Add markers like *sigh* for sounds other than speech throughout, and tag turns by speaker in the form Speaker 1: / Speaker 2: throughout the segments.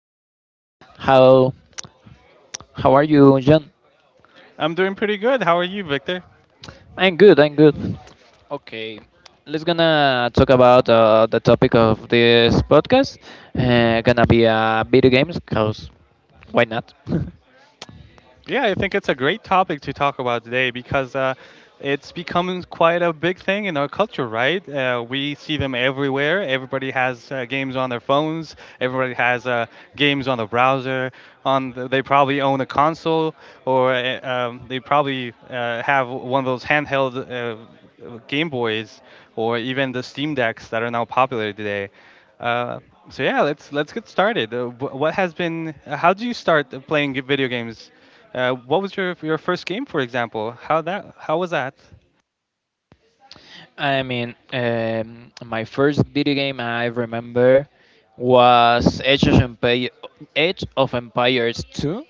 Speaker 1: podcast. How how are you, John?
Speaker 2: I'm doing pretty good. How are you, Victor?
Speaker 1: I'm good. I'm good. Okay, let's gonna talk about the topic of this podcast. Gonna be video games, cause why not? *laughs*
Speaker 2: Yeah, I think it's a great topic to talk about today because it's becoming quite a big thing in our culture, right? We see them everywhere. Everybody has games on their phones. Everybody has games on the browser. They probably own a console, or they probably have one of those handheld Game Boys, or even the Steam Decks that are now popular today. Uh, so yeah, let's get started. Wh- what has been? How do you start playing video games? What was your first game, for example? How was that?
Speaker 1: I mean, my first video game I remember was Age of Empires 2.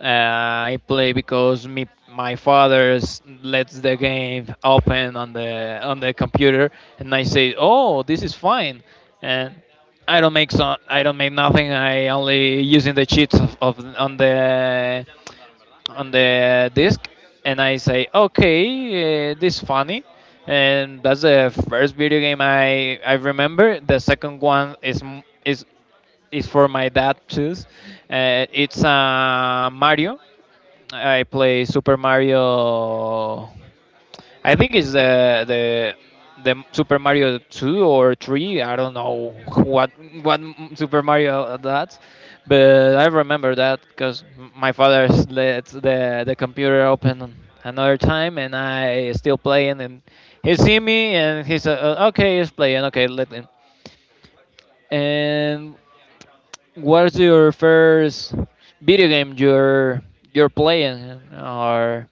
Speaker 1: I play because me, my father lets the game open on the computer, and I say, "Oh, this is fine," and I don't make nothing. I only using the cheats of on the disc and I say, okay, this is funny. And that's the first video game I remember. The second one is is for my dad too. It's Mario. I play Super Mario. I think it's the the Super Mario 2 or 3. I don't know what what Super Mario that, but I remember that because my father let the computer open another time and I still playing and he see me and he said, Okay, he's playing, okay, let him. And what's your first video game you're playing or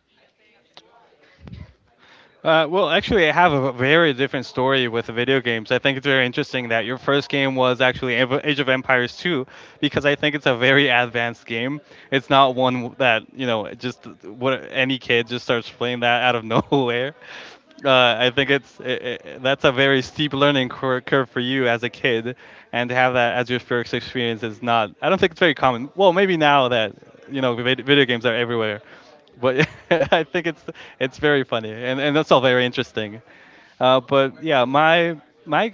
Speaker 2: Well, actually, I have a very different story with the video games. I think it's very interesting that your first game was actually Age of Empires 2, because I think it's a very advanced game. It's not one that you know just what any kid just starts playing that out of *laughs* nowhere. I think it's I that's a very steep learning curve for you as a kid, and to have that as your first experience is not. I don't think it's very common. Well, maybe now that you know video games are everywhere, but *laughs* I think it's very funny and that's all very interesting. But yeah, my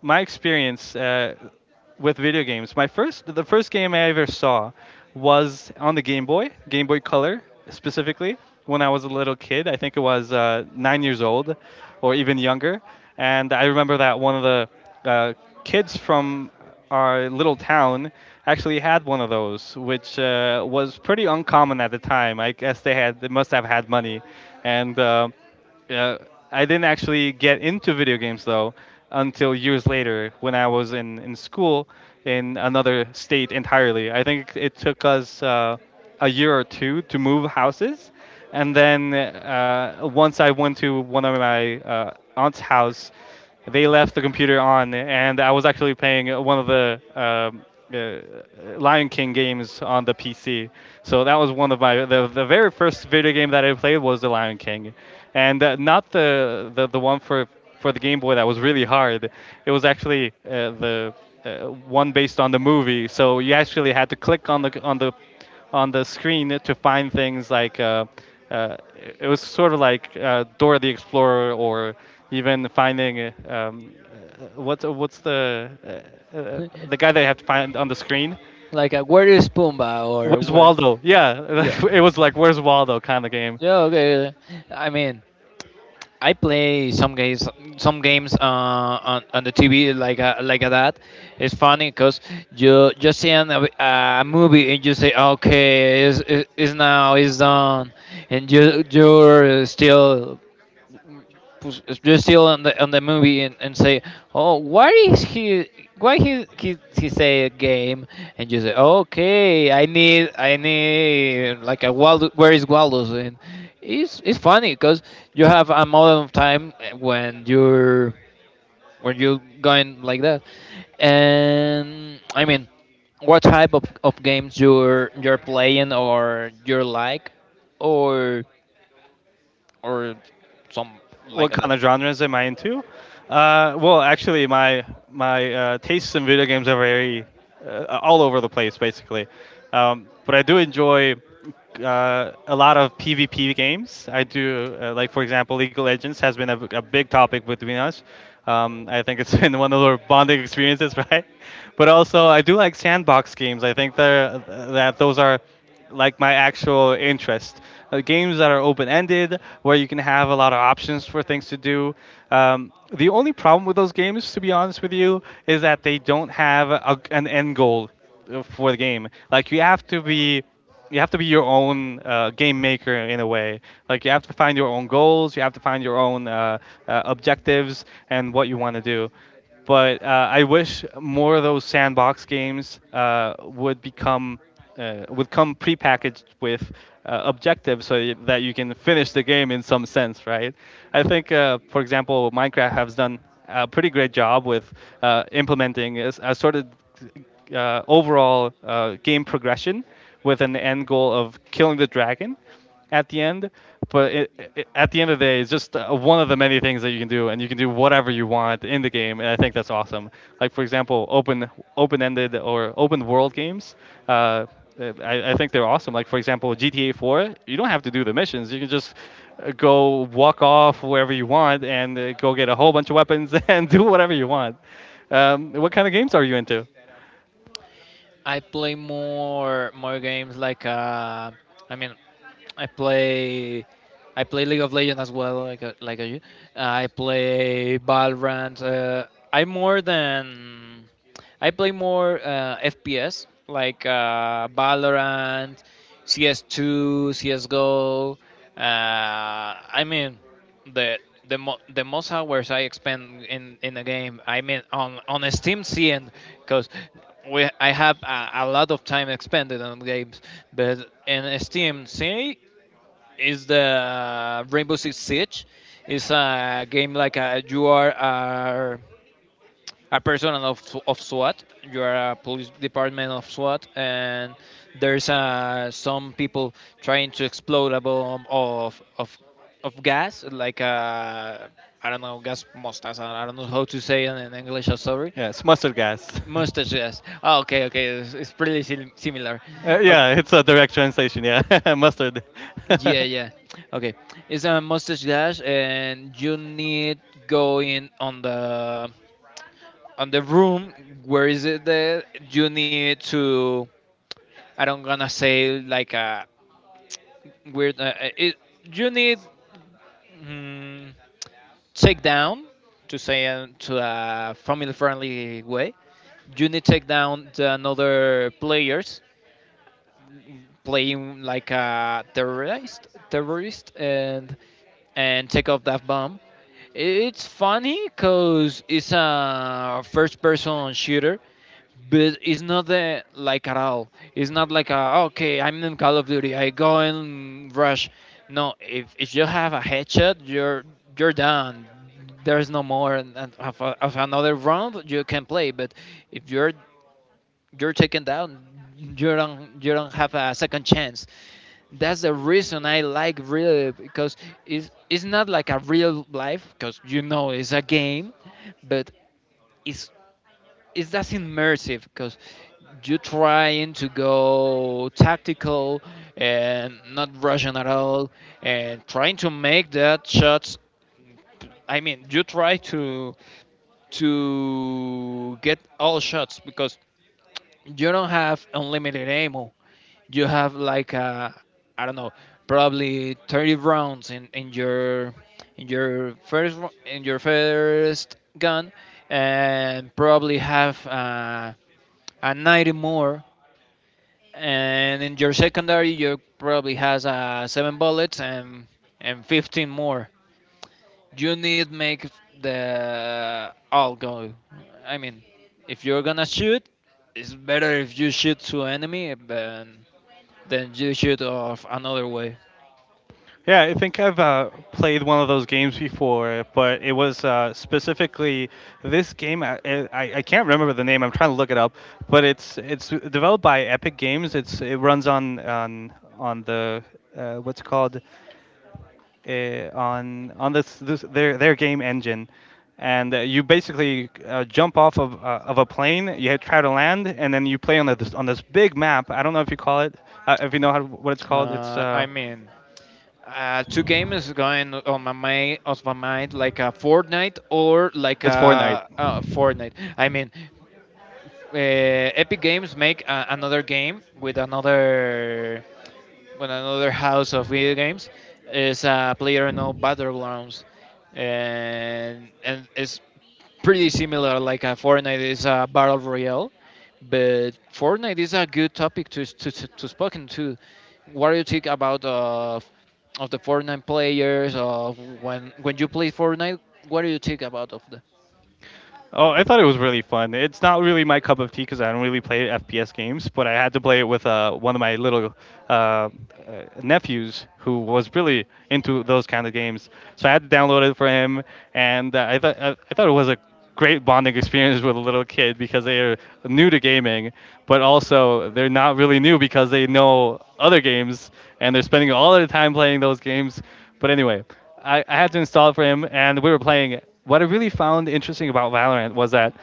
Speaker 2: my experience with video games. The first game I ever saw was on the Game Boy, Game Boy Color specifically. When I was a little kid, I think it was 9 years old, or even younger. And I remember that one of the kids from our little town actually had one of those, which was pretty uncommon at the time. I guess they must have had money, and. Uh, I didn't actually get into video games though until years later when I was in school in another state entirely. I think it took us a year or two to move houses. And then once I went to one of my aunt's house, they left the computer on, and I was actually playing one of the Lion King games on the PC. So that was one of my the very first video game that I played was the Lion King, and not the one for the Game Boy that was really hard. It was actually the one based on the movie. So you actually had to click on the screen to find things like uh, it was sort of like Dora the Explorer or even finding what's the guy that you have to find on the screen.
Speaker 1: like a, where is Pumba or
Speaker 2: Where's
Speaker 1: where
Speaker 2: Waldo? Yeah,
Speaker 1: yeah.
Speaker 2: *laughs* it was like Where's Waldo kind of game.
Speaker 1: Yeah, okay. I mean, I play some games on the TV like that. It's funny because you just seeing a movie and you say, okay, it's now it's done, and you're still pues, you still on the movie and say, oh, why is he why he say a game and you say, okay, I need like a Waldo, where is Waldo's and it's funny because you have a amount of time when you're when you're going like that, and I mean, what type of games you're playing or you are like, or or some like
Speaker 2: What
Speaker 1: that.
Speaker 2: kind of genres am I into? Well, actually, my tastes in video games are very all over the place, basically. But I do enjoy a lot of PvP games. Uh, like for example, League of Legends has been a big topic between us. I think it's *laughs* been one of our bonding experiences, *laughs* right? But also, I do like sandbox games. I think they're, that those are like my actual interest. Games that are open ended, where you can have a lot of options for things to do. The only problem with those games, to be honest with you, is that they don't have an end goal for the game. Like you have to be your own game maker in a way. Like you have to find your own goals, you have to find your own objectives and what you want to do. But I wish more of those sandbox games would come prepackaged with objectives so that you can finish the game in some sense, right? I think, for example, Minecraft has done a pretty great job with implementing a sort of overall game progression with an end goal of killing the dragon at the end. But at the end of the day, it's just one of the many things that you can do, and you can do whatever you want in the game, and I think that's awesome. Like for example, open-ended or open world games. Uh, I think they're awesome. Like for example, GTA 4, you don't have to do the missions. You can just go walk off wherever you want and go get a whole bunch of weapons *laughs* and do whatever you want. What kind of games are you into?
Speaker 1: I play more more games like I mean, I play I play League of Legends as well, like a, you. I play Valorant. I more than I play more FPS like Valorant, CS2, CS:GO. I mean the the most hours I spend in a game. I mean on a Steam CN because we I have a lot of time expended on games, but in a Steam C is the Rainbow Six Siege. It's a game like a, you are. A person of SWAT. You are a police department of SWAT, and there's some people trying to explode a bomb of gas, like I don't know gas mustache. I don't know how to say it in English. I'm sorry.
Speaker 2: Yeah, it's mustard gas. *laughs*
Speaker 1: Mustache gas. Oh, okay, okay. It's pretty similar. Okay.
Speaker 2: Yeah, it's a direct translation. Yeah, *laughs* mustard. *laughs*
Speaker 1: Yeah, yeah. Okay, it's a mustache gas, and you need going on the room where is it that you need to I don't gonna say like a weird it, you need mm, take down to say it to a family friendly way you need take down the another players playing like a terrorist and take off that bomb. It's funny because it's a first person shooter but it's not the like at all. It's not like a, okay, I'm in Call of Duty, I go and rush. No, if you have a headshot, you're done. There's no more and of, of another round you can play. But if you're you're taken down, you don't have a second chance. That's the reason I like really because it's not like a real life because you know it's a game, but it's it's that's immersive because you're trying to go tactical and not rushing at all and trying to make that shots. I mean you try to get all shots because you don't have unlimited ammo. You have like a, I don't know probably 30 rounds in your in your first gun and probably have and 90 more. And in your secondary, you probably has seven bullets and 15 more. You need make the all go. I mean, if you're gonna shoot, it's better if you shoot to enemy than you shoot off another way.
Speaker 2: Yeah, I think I've played one of those games before, but it was specifically this game. I can't remember the name. I'm trying to look it up, but it's developed by Epic Games. It's it runs on the what's it called on this their game engine, and you basically jump off of a plane. You try to land, and then you play on on this big map. I don't know if you call it, if you know how, what it's called.
Speaker 1: I mean, two games going on my mind like a Fortnite or like
Speaker 2: It's Fortnite.
Speaker 1: a Fortnite. I mean, Epic Games make a, another game with another house of video games. It's a player no battlegrounds, and it's pretty similar. Like a Fortnite is a battle royale, but Fortnite is a good topic to to spoken to. What do you think about of the Fortnite players? Of when you play Fortnite, what do you think about of the
Speaker 2: Oh, I thought it was really fun. It's not really my cup of tea because I don't really play FPS games, but I had to play it with one of my little uh, uh, nephews who was really into those kind of games. So I had to download it for him, and I thought it was a great bonding experience with a little kid because they are new to gaming, but also they're not really new because they know other games and they're spending all their time playing those games. But anyway, I had to install it for him, and we were playing it. What I really found interesting about Valorant was that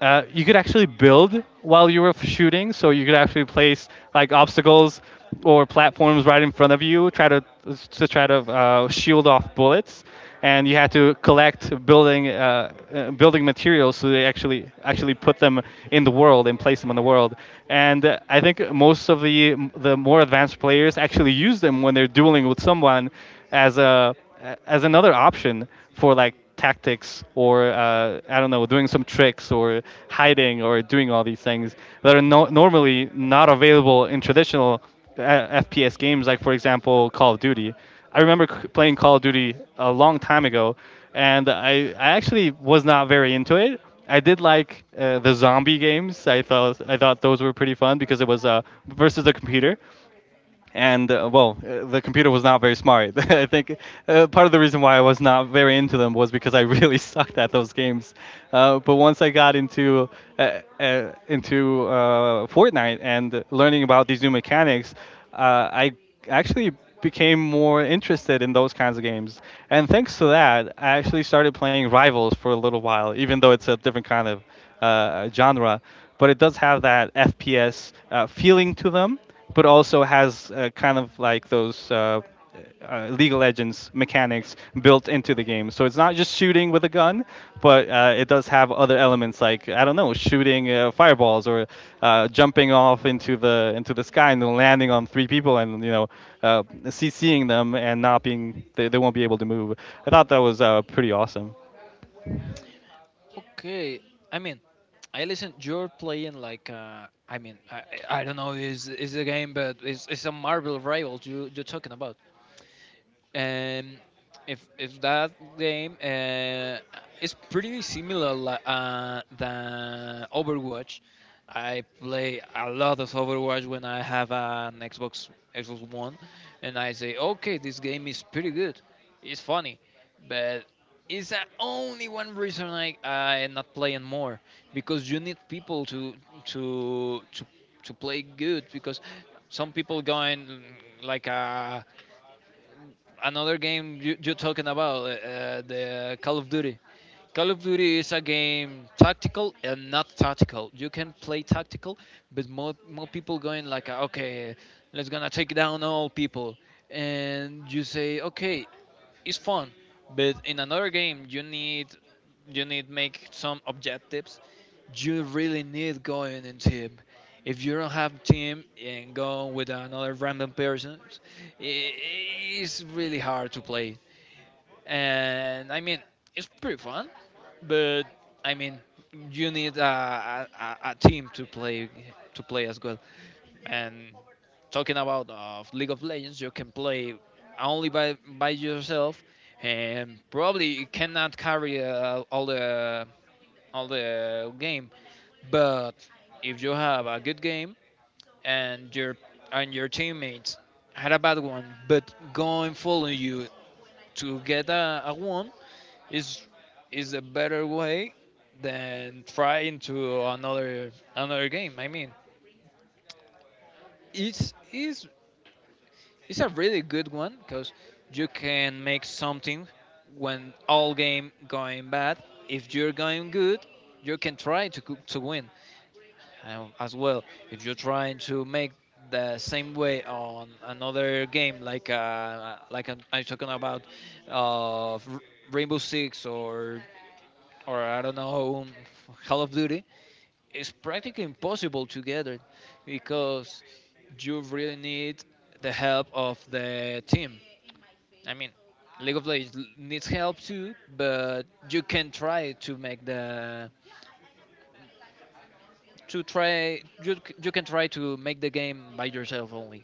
Speaker 2: you could actually build while you were shooting, so you could actually place like obstacles or platforms right in front of you, try to try to shield off bullets, and you had to collect building building materials so they actually put them in the world and place them in the world. And I think most of the more advanced players actually use them when they're dueling with someone as a as another option for like tactics or I don't know, doing some tricks or hiding or doing all these things that are normally not available in traditional FPS games, like for example Call of Duty. I remember playing Call of Duty a long time ago, and I actually was not very into it. I did like the zombie games. I thought those were pretty fun because it was versus the computer and well, the computer was not very smart. *laughs* I think part of the reason why I was not very into them was because I really *laughs* sucked at those games. But once I got into Fortnite and learning about these new mechanics, I actually became more interested in those kinds of games. And thanks to that, I actually started playing Rivals for a little while, even though it's a different kind of genre. But it does have that FPS feeling to them but also has kind of like those League of Legends mechanics built into the game. So it's not just shooting with a gun, but it does have other elements like I don't know, shooting fireballs or jumping off into the sky and then landing on three people and you know CCing them and not being they won't be able to move. I thought that was pretty awesome.
Speaker 1: okay. I mean, I listen. You're playing like I mean, I don't know is the game, but it's a Marvel Rivals you you're talking about and if that game is pretty similar than Overwatch. I play a lot of Overwatch when I have an Xbox One, and I say, okay, this game is pretty good, it's funny, but it's the only one reason I am not playing more because you need people to to to play good because some people going like a another game you, you're talking about, the Call of Duty. Call of Duty is a game tactical and not tactical. You can play tactical, but more people going like, okay, let's gonna take down all people, and you say, okay, it's fun, but in another game you need make some objectives. You really need going in team. If you don't have team and go with another random person, i- it's really hard to play. And I mean, it's pretty fun, but I mean, you need a team to play as well. And talking about of League of Legends, you can play only by yourself, and probably you cannot carry all the game. But if you have a good game and your and your teammates had a bad one, but going following you to get a one is is a better way than trying to another another game. I mean, it's it's it's a really good one because you can make something when all game going bad. If you're going good, you can try to to win and as well. If you're trying to make the same way on another game, like I'm talking about uh, R- Rainbow Six or I don't know Call of Duty, it's practically impossible to get it because you really need the help of the team. I mean, League of Legends needs help too, but you can try to make the to try you c- you can try to make the game by yourself only.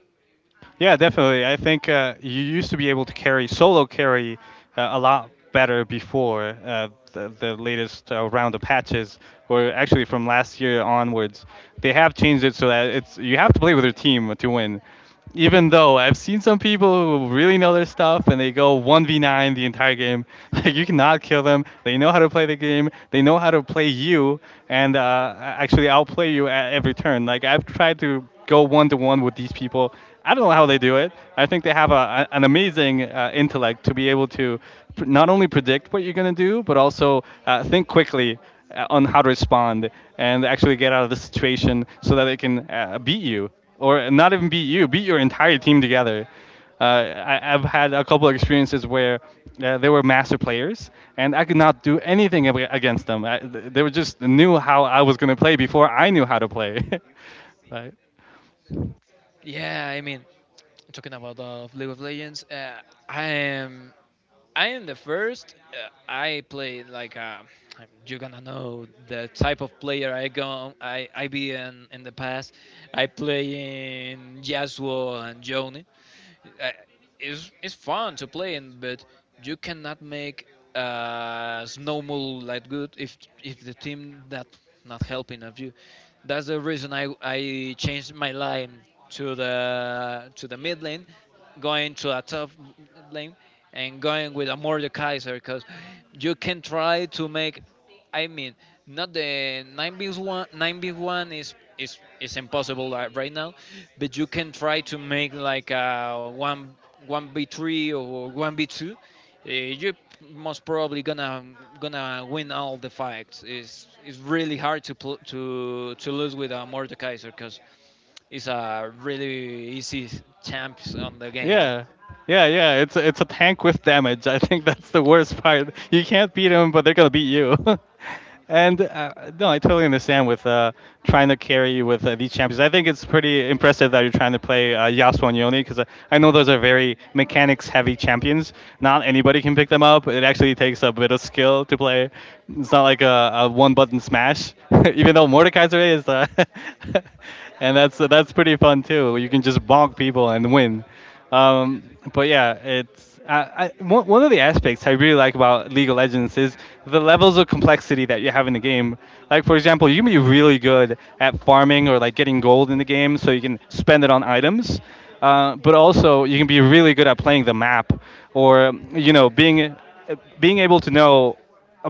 Speaker 2: Yeah, definitely. I think you used to be able to carry a lot better before the latest round of patches, or actually from last year onwards. They have changed it so that it's you have to play with your team to win. Even though I've seen some people who really know their stuff and they go 1v9 the entire game, *laughs* like you cannot kill them. They know how to play the game. They know how to play you and actually outplay you at every turn. Like I've tried to go one to one with these people. I don't know how they do it. I think they have an amazing intellect to be able to not only predict what you're going to do, but also think quickly on how to respond and actually get out of the situation so that they can beat you, or not even beat you, beat your entire team together. I've had a couple of experiences where they were master players, and I could not do anything against them. They were just knew how I was going to play before I knew how to play. *laughs* Right.
Speaker 1: Yeah, I mean, talking about League of Legends, I am I am the first. I play like you're gonna know the type of player I go I be in the past. I play in Yasuo and Yone. uh, it's fun to play in, but you cannot make snowball like good if the team that not helping of you. That's the reason I changed my line to the mid lane, going to a top lane, and going with a Mordekaiser because you can try to make. I mean, not the nine v one. Nine v one is impossible right now, but you can try to make like a one v three or one v two. You most probably gonna win all the fights. It's really hard to to lose with a Mordekaiser because it's a really easy champs on the game.
Speaker 2: Yeah. Yeah, yeah. It's a tank with damage. I think that's the worst part. You can't beat them, but they're gonna beat you. *laughs* and no, I totally understand with trying to carry with these champions. I think it's pretty impressive that you're trying to play Yasuo and Yone I know those are very mechanics-heavy champions. Not anybody can pick them up. It actually takes a bit of skill to play. It's not like a one-button smash. *laughs* Even though Mordekaiser is, *laughs* and that's pretty fun too. You can just bonk people and win. Um, but yeah, one of the aspects I really like about League of Legends is the levels of complexity that you have in the game. Like for example, you can be really good at farming or like getting gold in the game, so you can spend it on items. But also, you can be really good at playing the map, or being able to know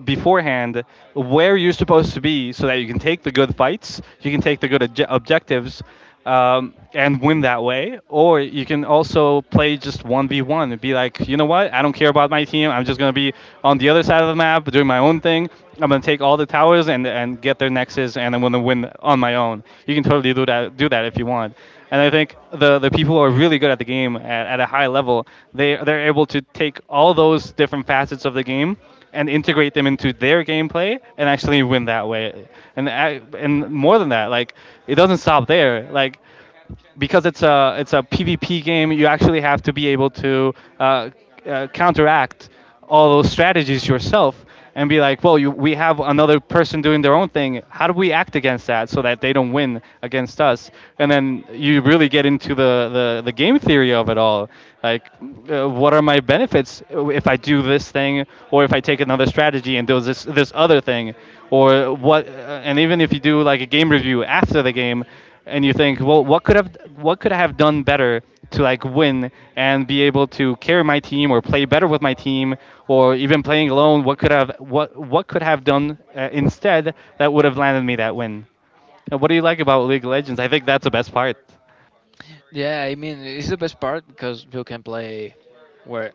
Speaker 2: beforehand where you're supposed to be so that you can take the good fights, you can take the good objectives, and win that way. Or you can also play just 1v1 and be like, you know what? I don't care about my team. I'm just going to be on the other side of the map doing my own thing. I'm going to take all the towers and get their nexus, and I'm going to win on my own. You can totally do that, do that if you want. And I think the people who are really good at the game at a high level, they're able to take all those different facets of the game and integrate them into their gameplay and actually win that way. And and more than that, like it doesn't stop there. Like because it's a PvP game, you actually have to be able to uh, counteract all those strategies yourself and be like, well, we have another person doing their own thing. How do we act against that so that they don't win against us? And then you really get into the game theory of it all. Like, what are my benefits if I do this thing, or if I take another strategy and do this other thing, or what? And even if you do like a game review after the game, and you think, well, what could I have done better to like win and be able to carry my team or play better with my team or even playing alone? What could have what could have done instead that would have landed me that win? And what do you like about League of Legends? I think that's the best part.
Speaker 1: Yeah, I mean it's the best part because you can play where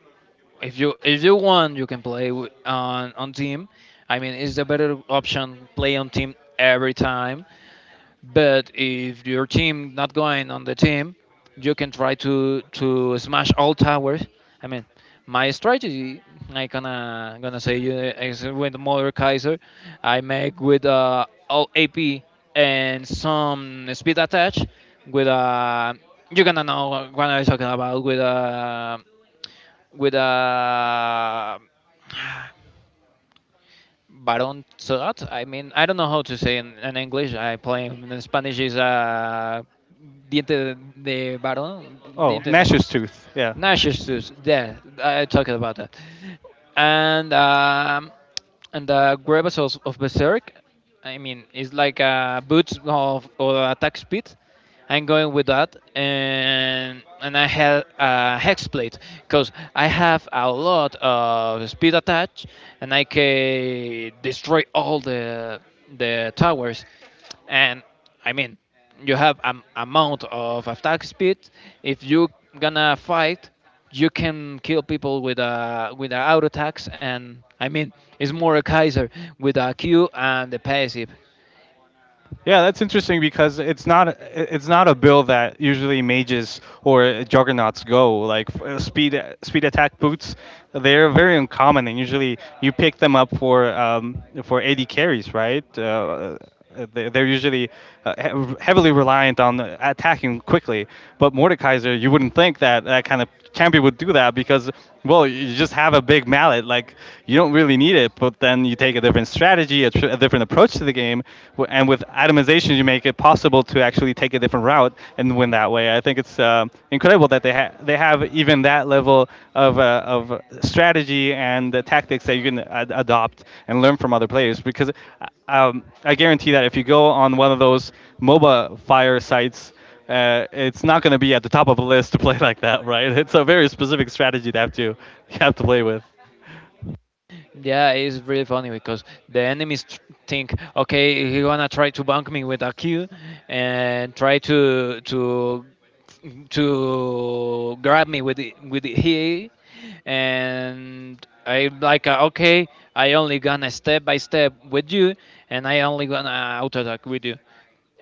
Speaker 1: If you want, you can play on team. I mean, it's a better option play on team every time. But if your team not going on the team, you can try to smash all towers. I mean, my strategy, I gonna say you is with Mother Kaiser, I make with all AP and some speed attached with you're gonna know what I'm talking about with a Baron Zod. I mean, I don't know how to say in English. I play in Spanish is a diente de Baron,
Speaker 2: Oh,
Speaker 1: diente na-
Speaker 2: Nashor's tooth. Yeah.
Speaker 1: Narcissus. Yeah, I talked about that. And um, and the Gravitas of Berserk. I mean, it's like a boots of or attack speed. I'm going with that, and I had a hex plate because I have a lot of speed attached, and I can destroy all the towers. And I mean, you have an amount of attack speed. If you gonna fight, you can kill people with a auto attacks. And I mean, it's more a Kaiser with a Q and the passive.
Speaker 2: Yeah, that's interesting because it's not a bill that usually mages or juggernauts go like speed attack boots. They're very uncommon and usually you pick them up for AD carries, right? They're usually heavily reliant on attacking quickly. But Mordekaiser, you wouldn't think that that kind of champion would do that because, well, you just have a big mallet. Like, you don't really need it, but then you take a different strategy, a different approach to the game. And with atomization, you make it possible to actually take a different route and win that way. I think it's incredibly incredible that they have even that level of strategy and the tactics that you can adopt and learn from other players. Because I guarantee that if you go on one of those MOBA fire sites. It's not going to be at the top of the list to play like that, right? *laughs* It's a very specific strategy to have to you have to play with.
Speaker 1: Yeah, it's really funny because think, okay, he gonna try to bank me with a Q, and try to grab me with with the he. And I like, okay, I only gonna step by step with you, and I only gonna auto attack with you.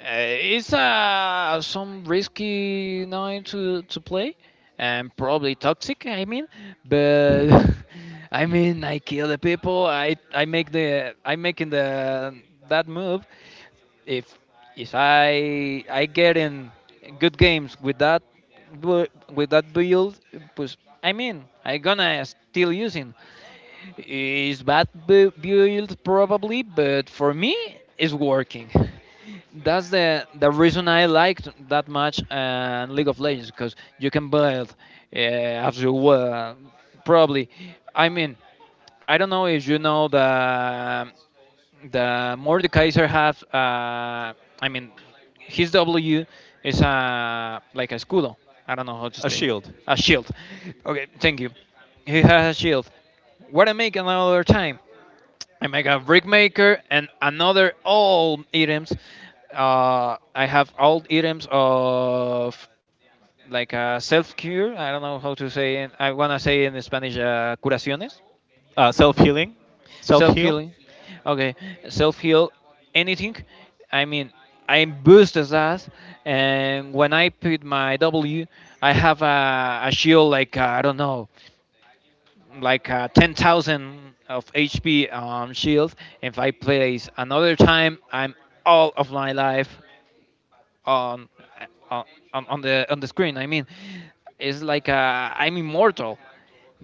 Speaker 1: It's some risky nine to play, and probably toxic. I mean, but *laughs* I mean, I kill the people. I make the I making the that move. If I get in good games with that build, pues, I mean, I gonna still using. It's bad build probably, but for me, it's working. That's the reason I liked that much and League of Legends because you can build as you will. Probably, I mean, I don't know if you know the Mordekaiser have, I mean, his W is a like a escudo. I don't know how to
Speaker 2: A
Speaker 1: say
Speaker 2: shield,
Speaker 1: a shield. Okay, thank you. He has a shield. What I make another time? I make a brick maker and another all items. I have all items of like a self cure. I don't know how to say it. I wanna say in Spanish curaciones.
Speaker 2: self healing, self
Speaker 1: Self
Speaker 2: heal.
Speaker 1: healing. Okay, self heal anything. I mean, I'm boosted as that, and when I put my W, I have a shield like I don't know, like 10,000 of HP shield. If I place another time, I'm all of my life on on, on the screen. I mean, it's like I'm immortal.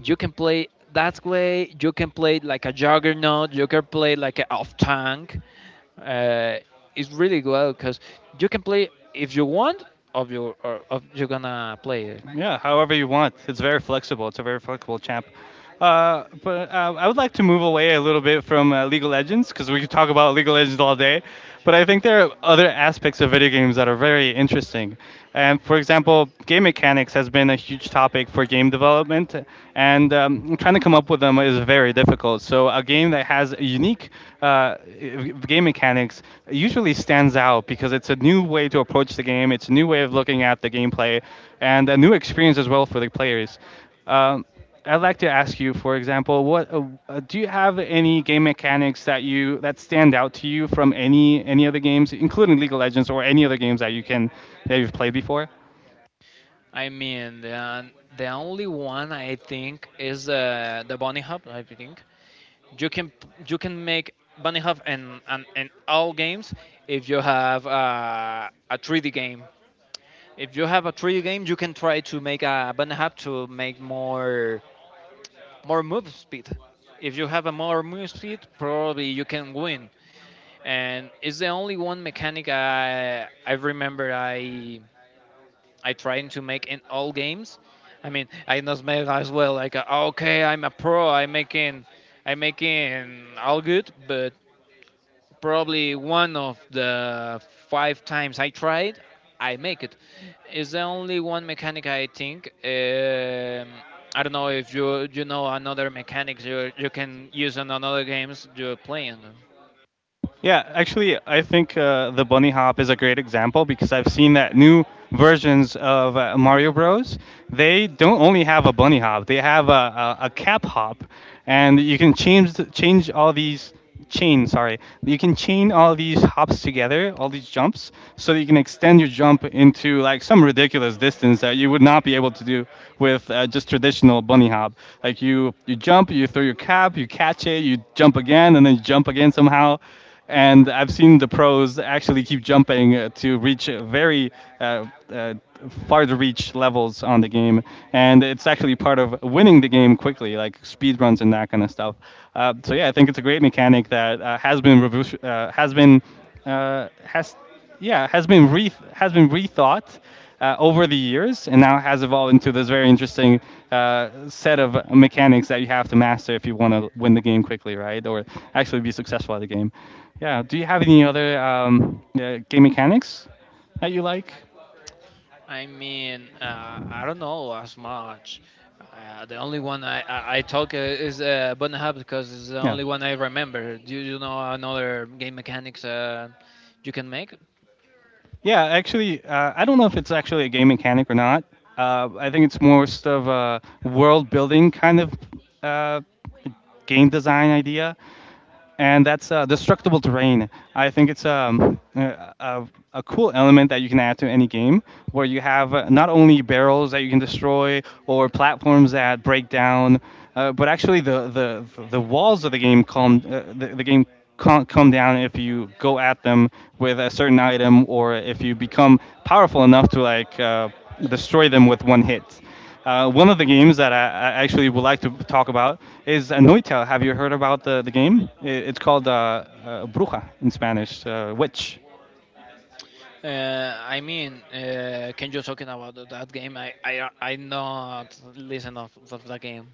Speaker 1: You can play that way. You can play it like a juggernaut. You can play it like a off tank. Uh, it's really well because you can play if you want. Of your or of you're gonna play it.
Speaker 2: Yeah, however you want. It's very flexible. It's a very flexible champ. But I would like to move away a little bit from League of Legends because we could talk about League of Legends all day. But I think there are other aspects of video games that are very interesting. And for example, game mechanics has been a huge topic for game development, and trying to come up with them is very difficult. So a game that has unique uh, game mechanics usually stands out because it's a new way to approach the game, it's a new way of looking at the gameplay, and a new experience as well for the players. Um, I'd like to ask you, for example, what do you have any game mechanics that stand out to you from any other games, including League of Legends or any other games that you can that you've played before?
Speaker 1: I mean, the only one I think is the bunny hop. I think you can you can make bunny hop in all games if you have a 3D game. If you have a 3D game, you can try to make a bunny hop to make more move speed. If you have a more move speed, probably you can win. And it's the only one mechanic I remember I trying to make in all games. I mean, I not made as well. Like, okay, I'm a pro. I'm making all good, but probably one of the five times I tried, I make it. It's the only one mechanic I think. I don't know if you know another mechanics you can use in another games you're playing.
Speaker 2: Yeah, actually, I think the bunny hop is a great example because I've seen that new versions of Mario Bros. They don't only have a bunny hop; they have a cap hop, and you can change all these chain. Sorry, you can chain all these hops together, all these jumps, so that you can extend your jump into like some ridiculous distance that you would not be able to do with just traditional bunny hop. Like you jump, you throw your cap, you catch it, you jump again, and then you jump again somehow and I've seen the pros actually keep jumping to reach very uh, uh, far to reach levels on the game, and it's actually part of winning the game quickly, like speed runs and that kind of stuff. So yeah, I think it's a great mechanic that has been revu- has been has yeah has been re- has been rethought over the years and now has evolved into this very interesting set of mechanics that you have to master if you want to win the game quickly, right? Or actually be successful at the game. Yeah. Do you have any other yeah, game mechanics that you like?
Speaker 1: I mean, I don't know as much. The only one I talk is Button Hub because it's the
Speaker 2: Yeah.
Speaker 1: only one I remember. Do you know another game mechanics you can make?
Speaker 2: Yeah, actually, I don't know if it's actually a game mechanic or not. I think it's most of a world building kind of uh, game design idea. And that's destructible terrain. I think it's a cool element that you can add to any game where you have not only barrels that you can destroy or platforms that break down, but actually the walls of the game the game can't come down if you go at them with a certain item or if you become powerful enough to like destroy them with one hit. One of the games that I actually would like to talk about is Anoita. Have you heard about the game? I It's called Bruja in Spanish, witch.
Speaker 1: I mean, can you talking about that game? I not listen of that game.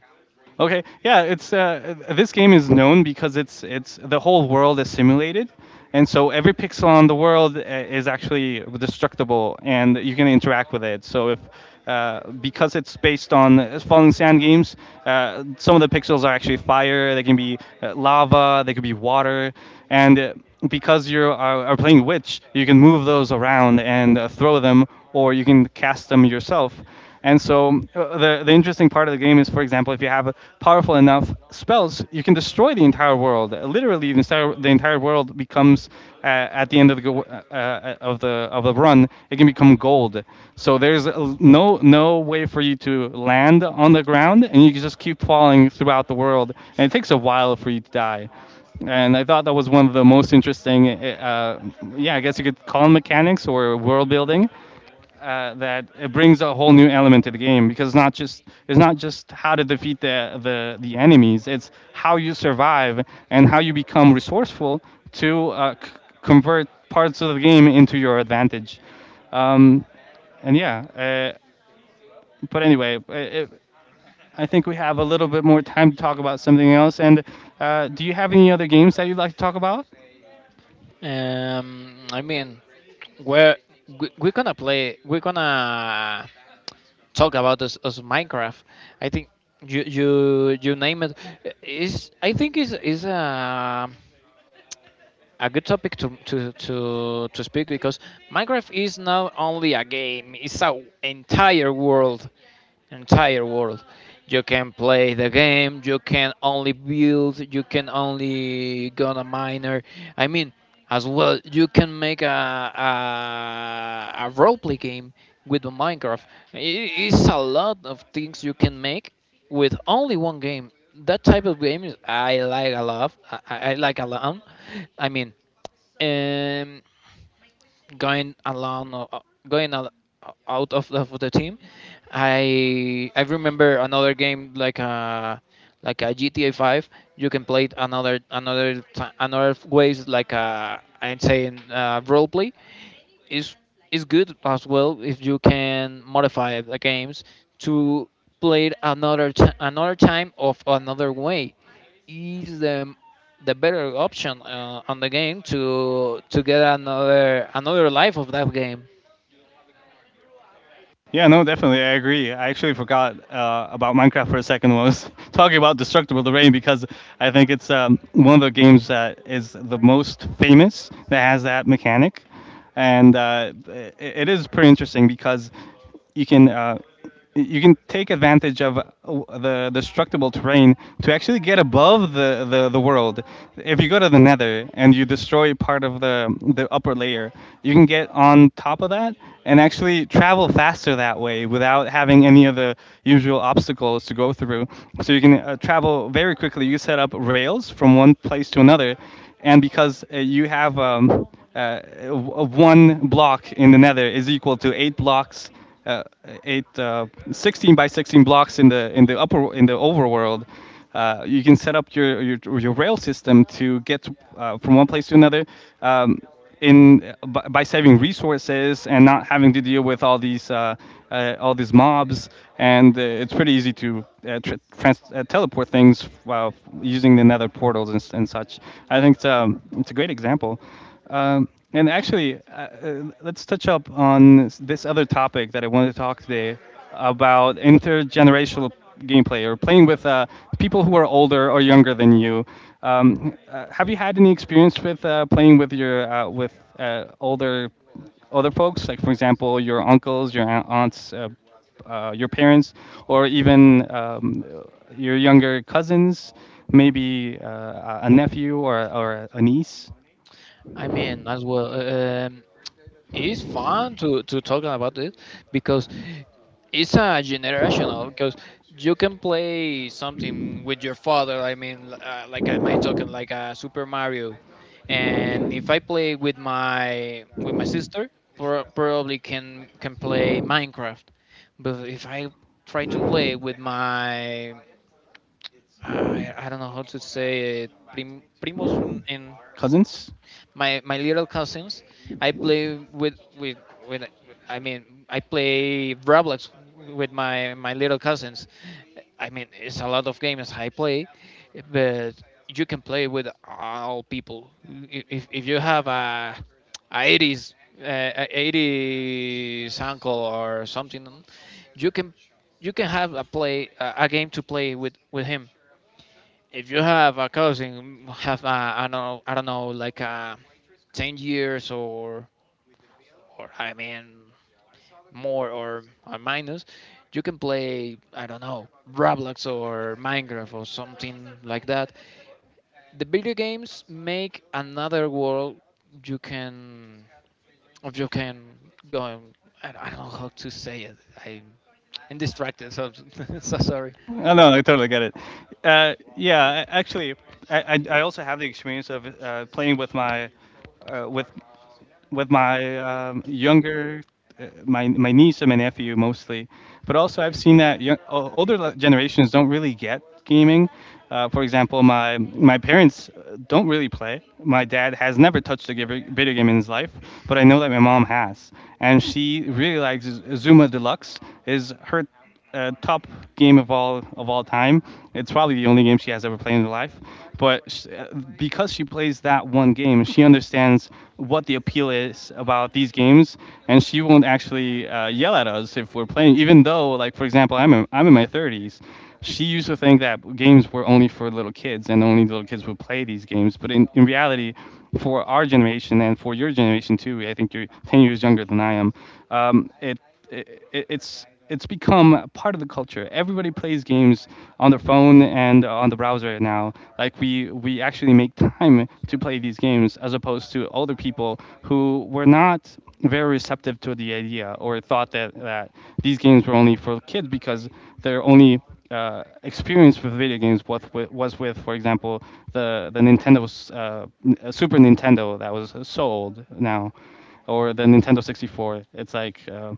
Speaker 2: Okay, yeah, it's this game is known because it's the whole world is simulated, and so every pixel on the world is actually destructible, and you can interact with it. So if because it's based on Falling Sand games, some of the pixels are actually fire. They can be lava. They could be water, and because are playing witch, you can move those around and throw them, or you can cast them yourself. And so the interesting part of the game is, for example, if you have powerful enough spells, you can destroy the entire world. Literally, the entire world becomes at the end of the go- of the run, it can become gold. So there's no way for you to land on the ground, and you can just keep falling throughout the world. And it takes a while for you to die and I thought that was one of the most interesting, yeah, I guess you could call them mechanics or world building, that it brings a whole new element to the game because it's not just how to defeat the enemies, it's how you survive and how you become resourceful to convert parts of the game into your advantage. Um, and yeah, but anyway, I it, I think we have a little bit more time to talk about something else. And do you have any other games that you'd like to talk about?
Speaker 1: I mean, where we gonna play? We're gonna talk about this as Minecraft. I think you name it. Is I think is a good topic to speak because Minecraft is not only a game; it's an entire world. Entire world. You can play the game, you can only build, you can only go on a miner. I mean, as well, you can make a, a roleplay game with the Minecraft. I- It's a lot of things you can make with only one game. That type of game is I like a lot. I like a lot. I mean, um, going along going al- out of of the team. I remember another game like a gta 5. You can play it another another ways, like I'm saying role play is is good as well. If you can modify the games to play it another time of another way is the better option on the game to get another life of that game.
Speaker 2: Yeah, no, definitely. I agree. I actually forgot about Minecraft for a second when I was *laughs* talking about Destructible Terrain because I think it's one of the games that is the most famous that has that mechanic. And it is pretty interesting because you can uh, you can take advantage of the destructible terrain to actually get above the world. If you go to the nether and you destroy part of the upper layer, you can get on top of that and actually travel faster that way without having any of the usual obstacles to go through. So you can travel very quickly. You set up rails from one place to another. And because you have uh, one block in the nether is equal to eight blocks, uh, 16 by 16 blocks in the upper in the overworld. You can set up your rail system to get from one place to another. Um, in by saving resources and not having to deal with all these mobs, and it's pretty easy to teleport things while using the nether portals and such. I think it's a great example. Um, and actually, let's touch up on this other topic that I wanted to talk today about intergenerational gameplay or playing with, people who are older or younger than you. Have you had any experience with playing with your, with older other folks, like for example, your uncles, your aunts, your parents, or even, your younger cousins, maybe a nephew or a niece,
Speaker 1: I mean, as well, it's fun to talk about it because it's a generational. Because you can play something with your father. I mean, like I might talking like a Super Mario, and if I play with my sister, probably can play Minecraft. But if I try to play with my, I don't know how to say it. Primos, and
Speaker 2: cousins?
Speaker 1: my little cousins. I play with. I mean, I play Roblox with my little cousins. I mean, it's a lot of games I play, but you can play with all people. If you have a 80s uh, a 80s uncle or something, you can have a play a game to play with him. If you have a cousin have a, I don't know like a 10 years or, I mean, more or minus, you can play, I don't know, Roblox or Minecraft or something like that. The video games make another world. You can, or you can go, I don't know how to say it. I'm, I'm distracted, so *laughs* so sorry.
Speaker 2: *laughs* Oh, no, I totally get it. Yeah, actually, I, I also have the experience of playing with my, uh, with younger, my niece and my nephew mostly, but also I've seen that young, older generations don't really get gaming. For example, my parents don't really play. My dad has never touched a video game in his life, but I know that my mom has, and she really likes Zuma Deluxe. Is her top game of all time. It's probably the only game she has ever played in her life. But sh Because she plays that one game, she understands what the appeal is about these games, and she won't actually yell at us if we're playing. Even though, like for example, I'm in my 30s. She used to think that games were only for little kids and only little kids would play these games. But in reality, for our generation and for your generation too, I think you're 10 years younger than I am. Um, it it's become part of the culture. Everybody plays games on their phone and on the browser now. Like we actually make time to play these games as opposed to older people who were not very receptive to the idea or thought that these games were only for kids because their only experience with video games was with, for example, the Nintendo, Super Nintendo that was sold now, or the Nintendo 64. It's like,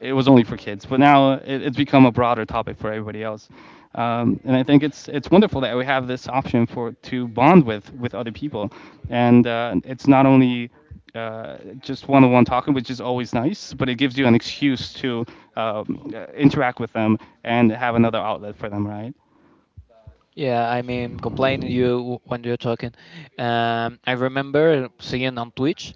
Speaker 2: it was only for kids, but now it's become a broader topic for everybody else. And I think it's wonderful that we have this option for to bond with other people, and it's not only just one-on-one talking, which is always nice, but it gives you an excuse to, interact with them and have another outlet for them, right?
Speaker 1: Yeah, I mean, complaining you when you're talking. I remember seeing on Twitch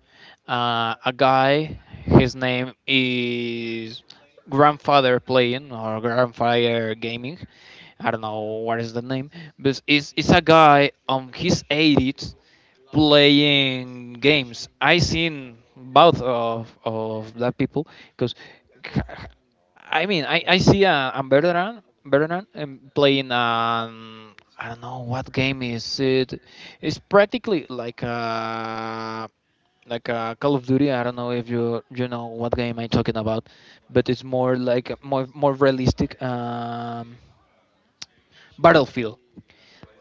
Speaker 1: a guy, his name is Grandfather Playing or Grandfather Gaming. I don't know what is the name, but it's a guy on his 80s playing games. I seen both of that people because I mean, I see a veteran playing, I don't know what game is it. It's practically like a Call of Duty. I don't know if you know what game I'm talking about, but it's more like a more realistic, Battlefield.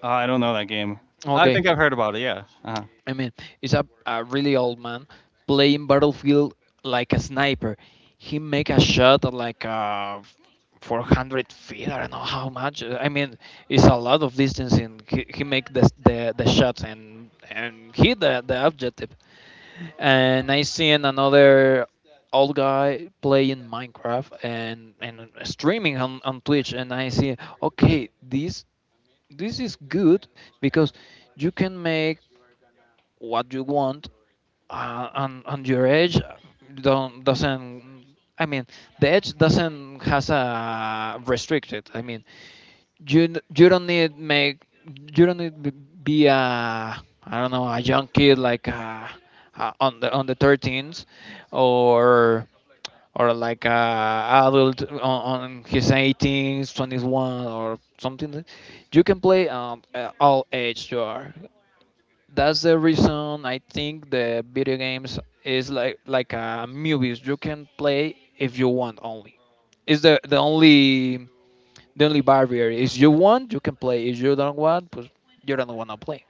Speaker 2: I don't know that game. I
Speaker 1: Okay,
Speaker 2: think I've heard about it. Yeah.
Speaker 1: I mean, it's a really old man playing Battlefield like a sniper. He make a shot at like 400 feet. I don't know how much. I mean, it's a lot of distance, and he make the shots and hit the objective. And I seen another old guy playing Minecraft and streaming on Twitch, and I see, okay, this is good because you can make what you want and your edge don't doesn't, I mean, the edge doesn't has a restricted, I mean, you you don't need make, you don't need be a, I don't know, a young kid like on the thirteens or or like a adult on his 18s 21 or something like. You can play, at all age you are. That's the reason I think the video games is like movies you can play if you want only. Is the only barrier is you want. You can play. If you don't want, pues, you don't want to play.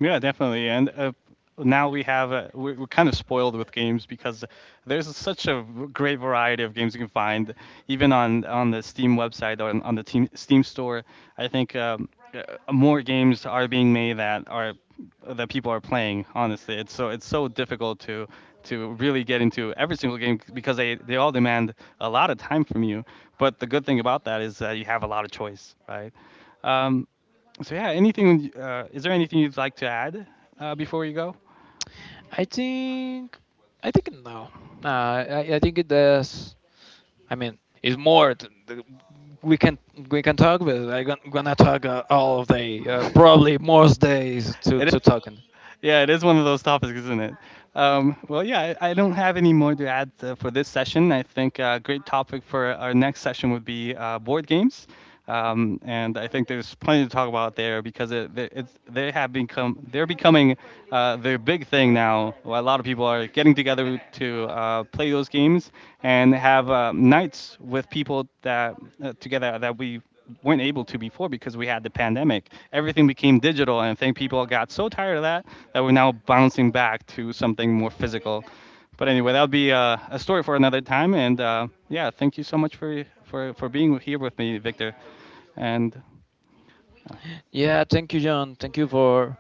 Speaker 2: Yeah, definitely. And, now we have we're kind of spoiled with games because there's such a great variety of games you can find, even on the Steam website or on, Steam store. I think, uh, more games are being made that are that people are playing. Honestly, it's so difficult to really get into every single game because they all demand a lot of time from you. But the good thing about that is that you have a lot of choice, right? Um, so yeah, anything? Is there anything you'd like to add before you go?
Speaker 1: i think I think no. Nah, I think it does. I mean, it's more. We can talk, but I'm gonna talk all of day, probably most days
Speaker 2: It
Speaker 1: to
Speaker 2: is,
Speaker 1: talking.
Speaker 2: yeah, it is one of those topics, isn't it? Well, yeah, I don't have any more to add for this session. I think a great topic for our next session would be board games. And I think there's plenty to talk about there because it, they- it's, they have become they're becoming their big thing now. Well, a lot of people are getting together to play those games and have nights with people that together that we weren't able to before because we had the pandemic. Everything became digital, and I think people got so tired of that that we're now bouncing back to something more physical. But anyway, that'll be a story for another time. And yeah, thank you so much for being here with me, Victor. And
Speaker 1: Yeah, thank you, John. Thank you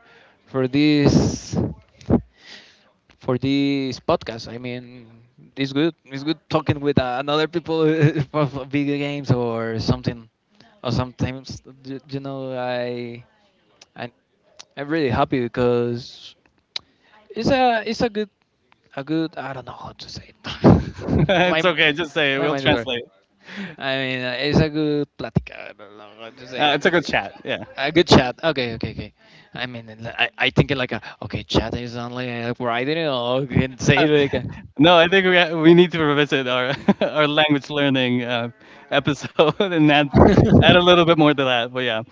Speaker 1: for this podcast. I mean, it's good. It's good talking with another people *laughs* for video games or something. Or sometimes, you know, I I'm really happy because it's a good, I don't know how to say it.
Speaker 2: *laughs*
Speaker 1: *laughs* my
Speaker 2: it's okay, just say it.
Speaker 1: my
Speaker 2: We'll
Speaker 1: mind is working.
Speaker 2: translate.
Speaker 1: I mean, it's a good platica. I don't know how to say it.
Speaker 2: It's a good chat. Yeah.
Speaker 1: A good chat. Okay, okay, okay. I mean, and I think it like a okay chat is only writing it or you *laughs* can say
Speaker 2: Uh,
Speaker 1: it like a
Speaker 2: No, I think we need to revisit our *laughs* our language learning episode *laughs* and add add a
Speaker 1: *laughs*
Speaker 2: little bit more to that. But yeah,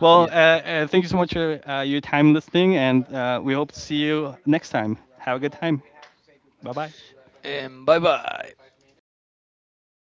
Speaker 2: well,
Speaker 1: yeah.
Speaker 2: thank you so much for your time listening, and we hope to see you next time. Have a good time. Bye bye.
Speaker 1: And bye bye.